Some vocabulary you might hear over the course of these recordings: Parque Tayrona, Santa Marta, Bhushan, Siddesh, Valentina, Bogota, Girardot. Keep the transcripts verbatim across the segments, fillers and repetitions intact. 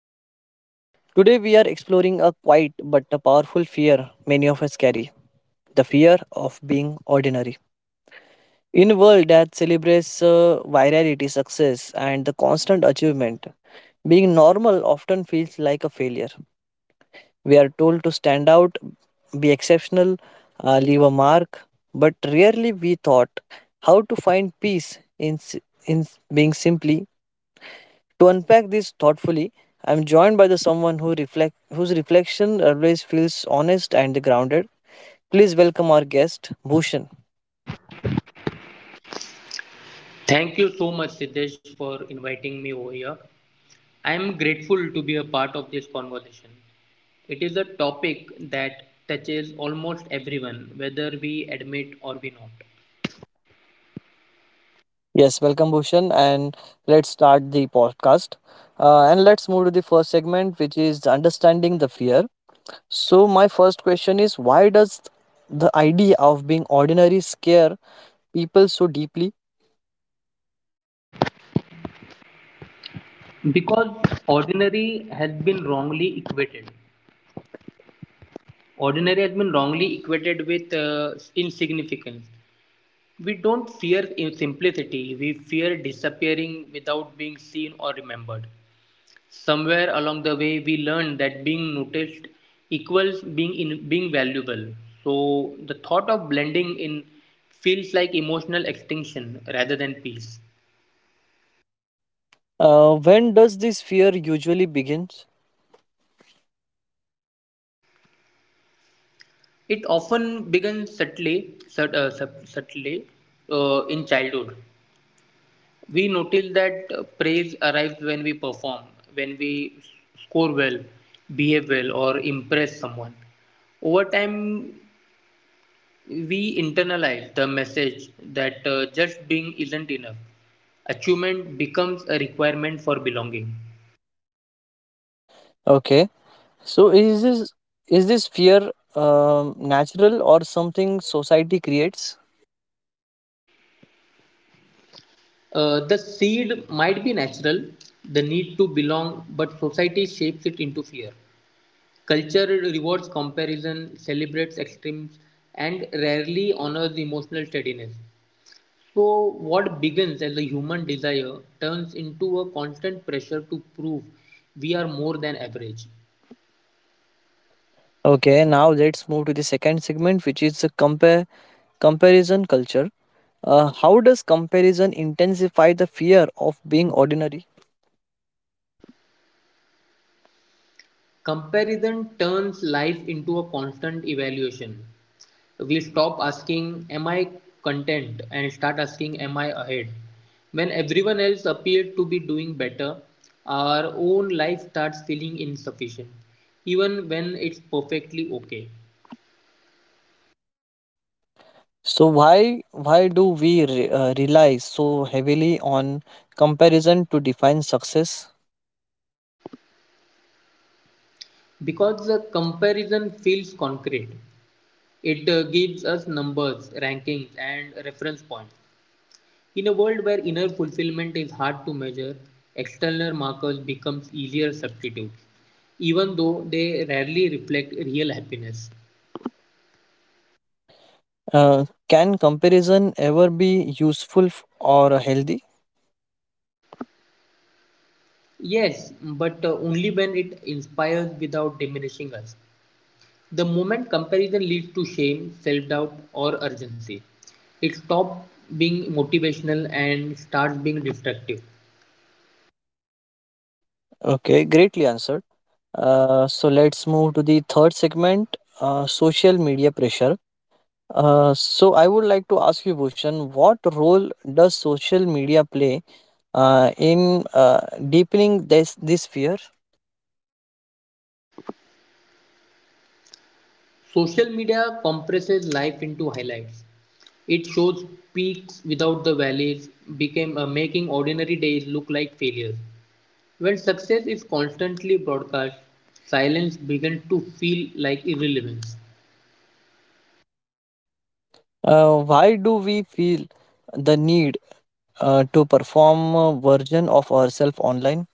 podcast. Today, we are exploring a quiet but a powerful fear many of us carry, the fear of being ordinary. In a world that celebrates uh, virality, success, and the constant achievement, being normal often feels like a failure. We are told to stand out, be exceptional, uh, leave a mark, but rarely we thought how to find peace in, s- in s- being simply to unpack this thoughtfully, I'm joined by the someone who reflect whose reflection always feels honest and grounded. Please welcome our guest, Bhushan. Thank you so much, Siddesh, for inviting me over here. I am grateful to be a part of this conversation. It is a topic that touches almost everyone, whether we admit or we not. Yes, welcome Bhushan, and let's start the podcast. Uh, and let's move to the first segment, which is understanding the fear. So, my first question is, why does the idea of being ordinary scare people so deeply? Because ordinary has been wrongly equated. Ordinary has been wrongly equated with uh, insignificance. We don't fear in simplicity, we fear disappearing without being seen or remembered. Somewhere along the way, we learned that being noticed equals being in being valuable. So the thought of blending in feels like emotional extinction rather than peace. Uh, when does this fear usually begins? It often begins subtly, sut- uh, sub- subtly uh, in childhood. We notice that uh, praise arrives when we perform, when we score well, behave well, or impress someone over time. We internalize the message that uh, just being isn't enough. Achievement becomes a requirement for belonging. Okay. So is this is this fear um, natural or something society creates? Uh, the seed might be natural, the need to belong, but society shapes it into fear. Culture rewards comparison, celebrates extremes, and rarely honors emotional steadiness. So, what begins as a human desire turns into a constant pressure to prove we are more than average. Okay, now let's move to the second segment, which is the compare comparison culture. Uh, how does comparison intensify the fear of being ordinary? Comparison turns life into a constant evaluation. We stop asking, "Am I content?" and start asking, "Am I ahead?" When everyone else appears to be doing better, our own life starts feeling insufficient, even when it's perfectly okay. So why why do we re, uh, rely so heavily on comparison to define success? Because the comparison feels concrete, it uh, gives us numbers, rankings, and reference points. In a world where inner fulfillment is hard to measure, external markers become easier substitutes, even though they rarely reflect real happiness. Uh, can comparison ever be useful f- or healthy? Yes, but uh, only when it inspires without diminishing us. The moment comparison leads to shame, self doubt, or urgency, it stops being motivational and starts being destructive. Okay, greatly answered. Uh, so let's move to the third segment, uh, social media pressure. Uh, so I would like to ask you, Bhushan, what role does social media play uh, in uh, deepening this this fear? Social media compresses life into highlights. It shows peaks without the valleys, became, uh, making ordinary days look like failures. When success is constantly broadcast, silence begins to feel like irrelevance. Uh, why do we feel the need uh, to perform a version of ourselves online?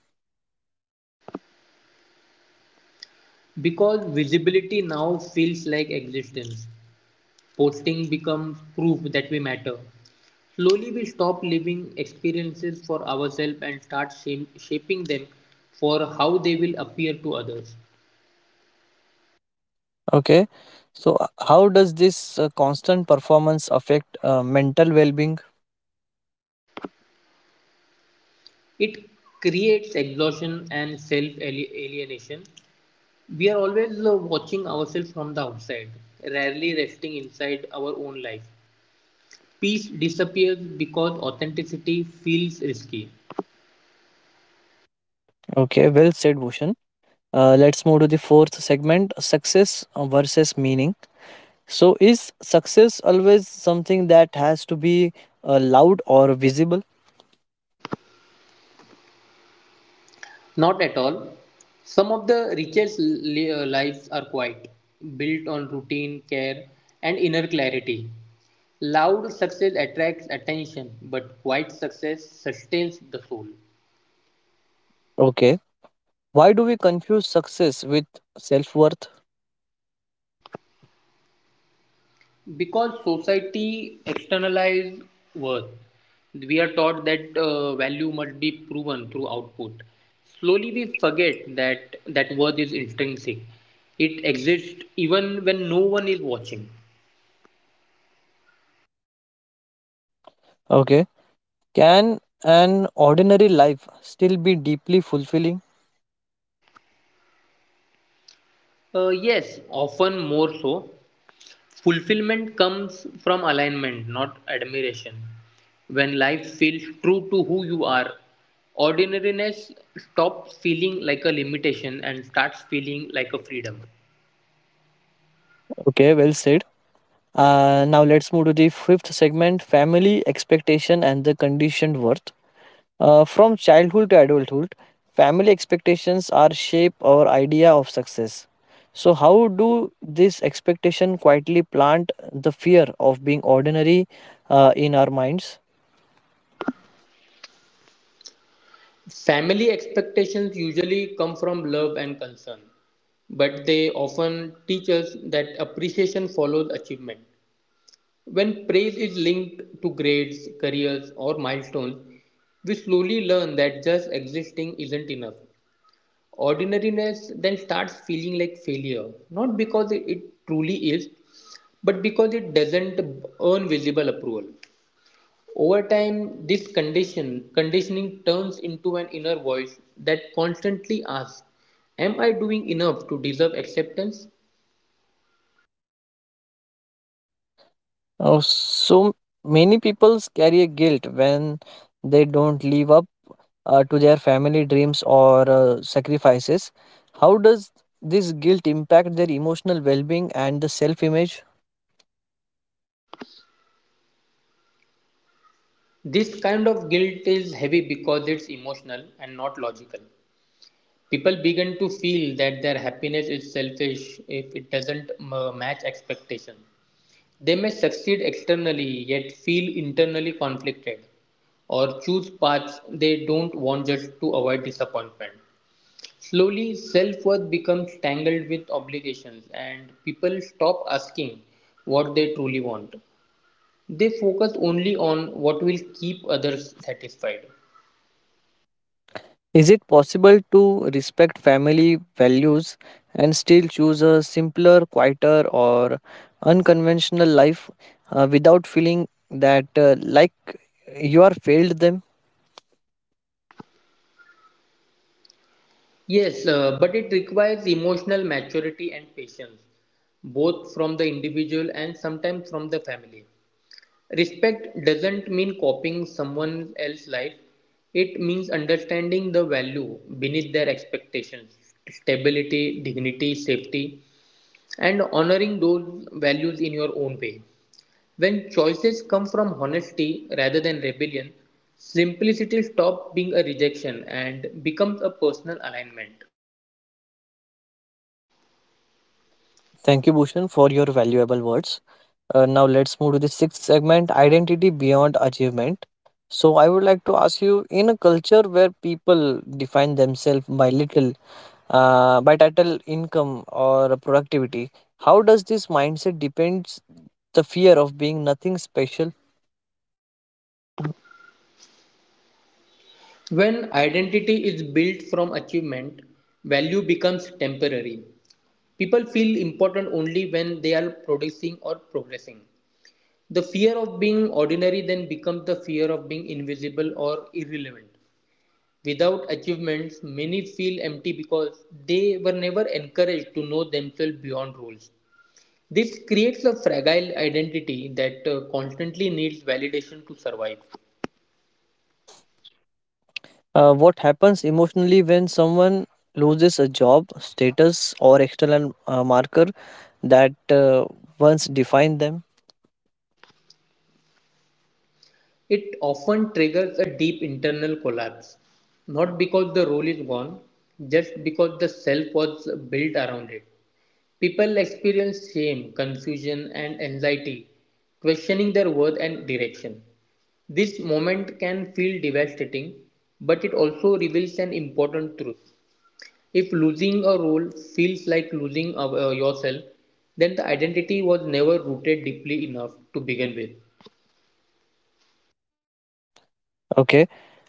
Because visibility now feels like existence, posting becomes proof that we matter. Slowly, we stop living experiences for ourselves and start shaping them for how they will appear to others. Okay. So, uh, how does this uh, constant performance affect uh, mental well being? It creates exhaustion and self alienation. We are always uh, watching ourselves from the outside, rarely resting inside our own life. Peace disappears because authenticity feels risky. Okay, well said, Bhushan. Uh, let's move to the fourth segment, success versus meaning. So, is success always something that has to be uh, loud or visible? Not at all. Some of the richest li- uh, lives are quiet, built on routine, care, and inner clarity. Loud success attracts attention, but quiet success sustains the soul. Okay. Why do we confuse success with self worth? Because society externalizes worth, we are taught that uh, value must be proven through output. Slowly we forget that that worth is intrinsic. It exists even when no one is watching. Okay. Can an ordinary life still be deeply fulfilling? Uh, yes, often more so. Fulfillment comes from alignment, not admiration. When life feels true to who you are, ordinariness stops feeling like a limitation and starts feeling like a freedom. Okay, well said. Uh, now let's move to the fifth segment, family expectation and the conditioned worth. Uh, from childhood to adulthood, family expectations are shape our idea of success. So, how do this expectation quietly plant the fear of being ordinary uh, in our minds? Family expectations usually come from love and concern, but they often teach us that appreciation follows achievement. When praise is linked to grades, careers, or milestones, we slowly learn that just existing isn't enough. Ordinariness then starts feeling like failure, not because it it truly is, but because it doesn't earn visible approval. Over time, this condition conditioning turns into an inner voice that constantly asks, "Am I doing enough to deserve acceptance?" Oh, so many people carry a guilt when they don't live up uh, to their family dreams or uh, sacrifices. How does this guilt impact their emotional well being and the self image? This kind of guilt is heavy because it's emotional and not logical. People begin to feel that their happiness is selfish if it doesn't uh, match expectation. They may succeed externally yet feel internally conflicted or choose paths they don't want just to avoid disappointment. Slowly, self-worth becomes tangled with obligations, and people stop asking what they truly want. They focus only on what will keep others satisfied. Is it possible to respect family values and still choose a simpler, quieter, or unconventional life uh, without feeling that uh, like you are failed them? Yes, uh, but it requires emotional maturity and patience, both from the individual and sometimes from the family. Respect doesn't mean copying someone else's life, it means understanding the value beneath their expectations: stability, dignity, safety, and honoring those values in your own way. When choices come from honesty rather than rebellion, simplicity stops being a rejection and becomes a personal alignment. Thank you, Bhushan, for your valuable words. Uh, now let's move to the sixth segment, identity beyond achievement. So, I would like to ask you, in a culture where people define themselves by little, uh, by title, income, or productivity, how does this mindset depends the fear of being nothing special? When identity is built from achievement, value becomes temporary. People feel important only when they are producing or progressing. The fear of being ordinary then becomes the fear of being invisible or irrelevant. Without achievements, many feel empty because they were never encouraged to know themselves beyond rules. This creates a fragile identity that uh, constantly needs validation to survive. Uh, what happens emotionally when someone loses a job, status, or external uh, marker that uh, once defined them? It often triggers a deep internal collapse, not because the role is gone, just because the self was built around it. People experience shame, confusion, and anxiety, questioning their worth and direction. This moment can feel devastating, but it also reveals an important truth. If losing a role feels like losing uh, yourself, then the identity was never rooted deeply enough to begin with. Okay.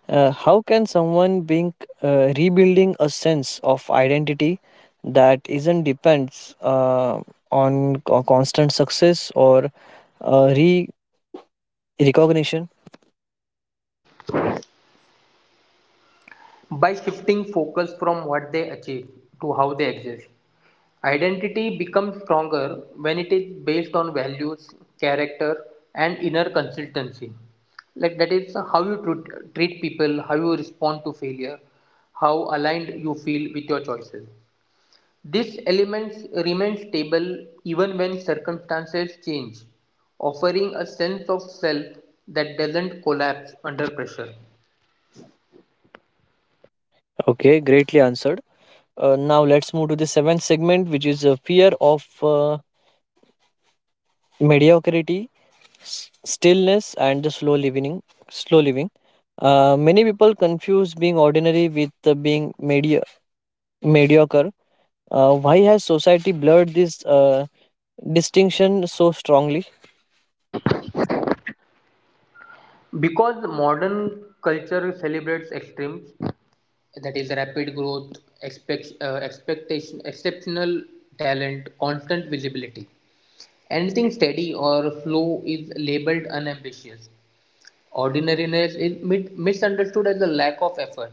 Uh, how can someone being uh, rebuilding a sense of identity that isn't depends uh, on co- constant success or uh, re recognition? By shifting focus from what they achieve to how they exist. Identity becomes stronger when it is based on values, character, and inner consistency. Like that is how you tru- treat people, how you respond to failure, how aligned you feel with your choices. These elements remain stable even when circumstances change, offering a sense of self that doesn't collapse under pressure. Okay, greatly answered. Uh, now let's move to the seventh segment, which is a fear of uh, mediocrity, s- stillness, and the slow living. Slow living. Uh, many people confuse being ordinary with uh, being medi- mediocre. Uh, why has society blurred this uh, distinction so strongly? Because modern culture celebrates extremes, that is rapid growth, expect, uh, expectation exceptional talent, constant visibility. Anything steady or slow is labeled unambitious. Ordinariness is mit- misunderstood as a lack of effort,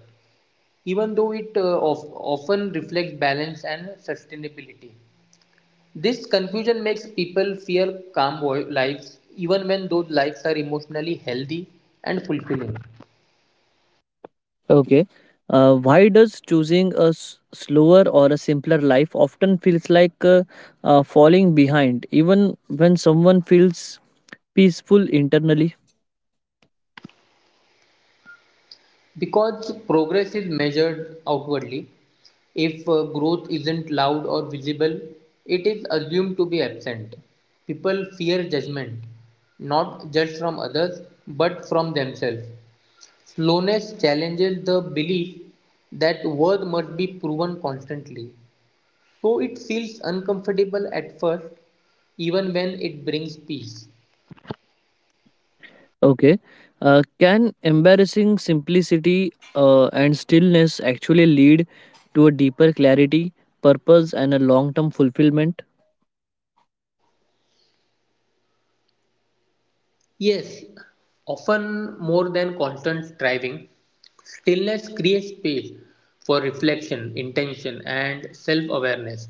even though it uh, of- often reflects balance and sustainability. This confusion makes people fear calm wo- lives even when those lives are emotionally healthy and fulfilling. Okay. Uh, why does choosing a s- slower or a simpler life often feels like uh, uh, falling behind, even when someone feels peaceful internally? Because progress is measured outwardly, if uh, growth isn't loud or visible, it is assumed to be absent. People fear judgment, not just from others, but from themselves. Slowness challenges the belief that worth must be proven constantly. So it feels uncomfortable at first, even when it brings peace. Okay. Uh, can embarrassing simplicity uh, and stillness actually lead to a deeper clarity, purpose, and a long term fulfillment? Yes, often more than constant striving, stillness creates space for reflection, intention, and self awareness.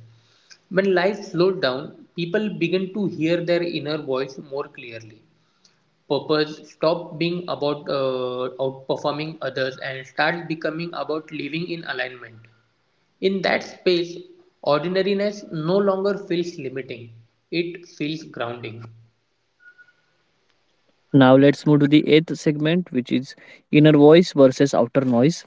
When life slows down, people begin to hear their inner voice more clearly. Purpose stops being about uh, outperforming others and starts becoming about living in alignment. In that space, ordinariness no longer feels limiting, it feels grounding. Now, let's move to the eighth segment, which is inner voice versus outer noise.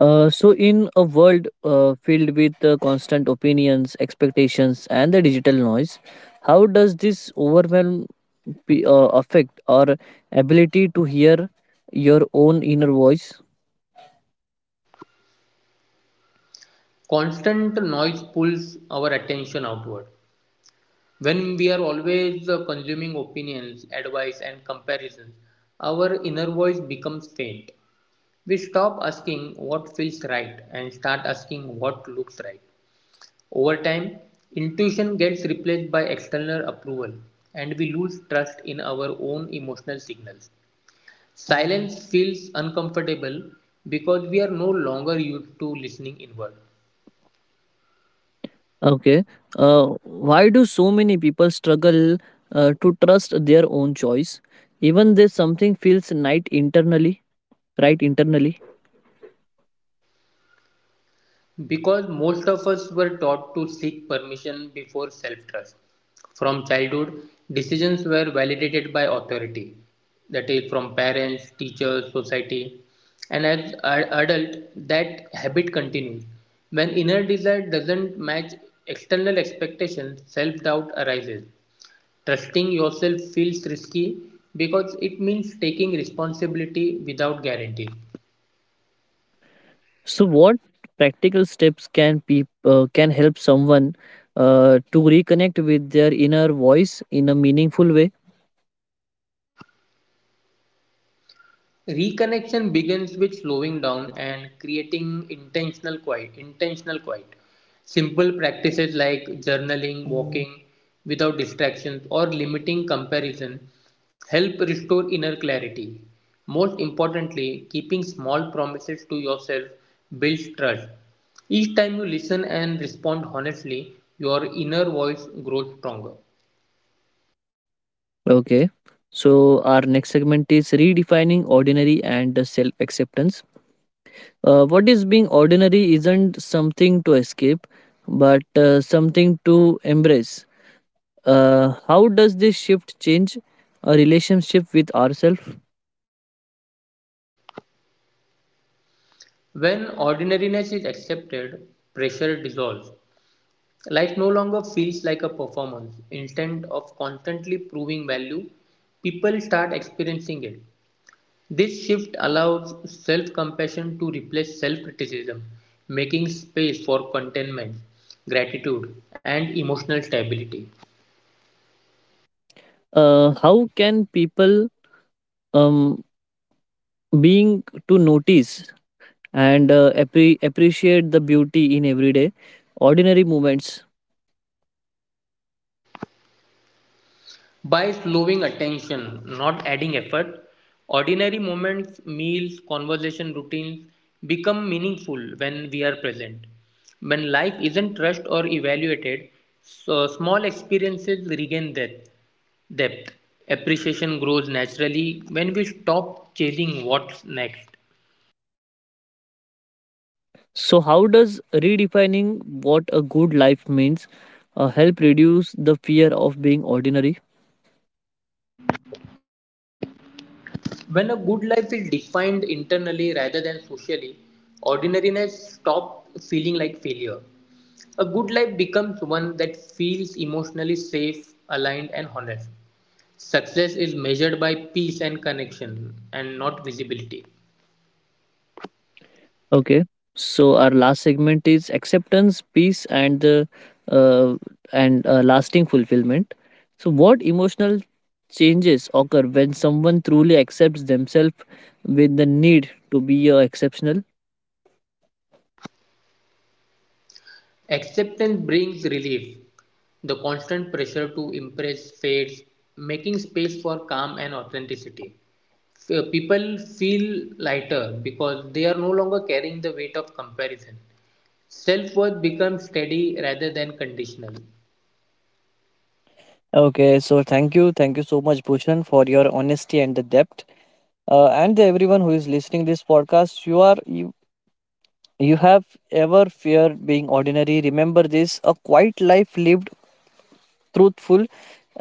Uh, so, in a world uh, filled with uh, constant opinions, expectations, and the digital noise, how does this overwhelm pe- uh, affect our ability to hear your own inner voice? Constant noise pulls our attention outward. When we are always uh, consuming opinions, advice, and comparisons, our inner voice becomes faint. We stop asking what feels right and start asking what looks right. Over time, intuition gets replaced by external approval, and we lose trust in our own emotional signals. Silence feels uncomfortable because we are no longer used to listening inward. Okay. Uh, why do so many people struggle uh, to trust their own choice, even though something feels right internally? Right internally. Because most of us were taught to seek permission before self trust. From childhood, decisions were validated by authority, that is, from parents, teachers, society. And as an adult, that habit continues. When inner desire doesn't match external expectations, self doubt arises. Trusting yourself feels risky because it means taking responsibility without guarantee. So, what practical steps can peop- uh, can help someone uh, to reconnect with their inner voice in a meaningful way? Reconnection begins with slowing down and creating intentional quiet. Intentional quiet. Simple practices like journaling, walking without distractions, or limiting comparison help restore inner clarity. Most importantly, keeping small promises to yourself builds trust. Each time you listen and respond honestly, your inner voice grows stronger. Okay. So, our next segment is redefining ordinary and self acceptance. Uh, what is being ordinary isn't something to escape, but uh, something to embrace. Uh, how does this shift change a relationship with ourselves? When ordinariness is accepted, pressure dissolves. Life no longer feels like a performance. Instead of constantly proving value, people start experiencing it. This shift allows self compassion to replace self criticism, making space for contentment, gratitude, and emotional stability. Uh, how can people um, being to notice and uh, appre- appreciate the beauty in everyday, ordinary moments. By slowing attention, not adding effort, ordinary moments, meals, conversation routines become meaningful when we are present. When life isn't rushed or evaluated, so small experiences regain depth. depth. Appreciation grows naturally when we stop chasing what's next. So, how does redefining what a good life means uh, help reduce the fear of being ordinary? When a good life is defined internally rather than socially, ordinariness stops feeling like failure. A good life becomes one that feels emotionally safe, aligned, and honest. Success is measured by peace and connection, and not visibility. Okay. So, our last segment is acceptance, peace, and the uh, and uh, lasting fulfillment. So, what emotional changes occur when someone truly accepts themselves with the need to be uh, exceptional? Acceptance brings relief. The constant pressure to impress fades, making space for calm and authenticity. F- People feel lighter because they are no longer carrying the weight of comparison. Self worth becomes steady rather than conditional. Okay, so thank you, thank you so much, Bhushan, for your honesty and the depth. Uh, and everyone who is listening this podcast, you are you, you have ever feared being ordinary? Remember this: a quiet life lived truthful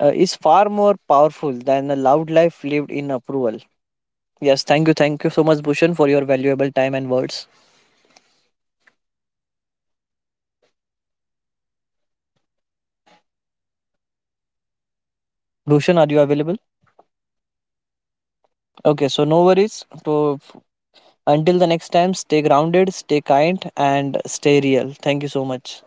uh, is far more powerful than a loud life lived in approval. Yes, thank you, thank you so much, Bhushan, for your Thank you, valuable time and Siddesh. words. Yes, yes. Thank you, Siddesh, for uh, creating such a thoughtful and safe space. These conversations really Bhushan, are you matter. available? Okay, so no worries. So until the next time, stay grounded, stay kind, and stay real. Thank you so much.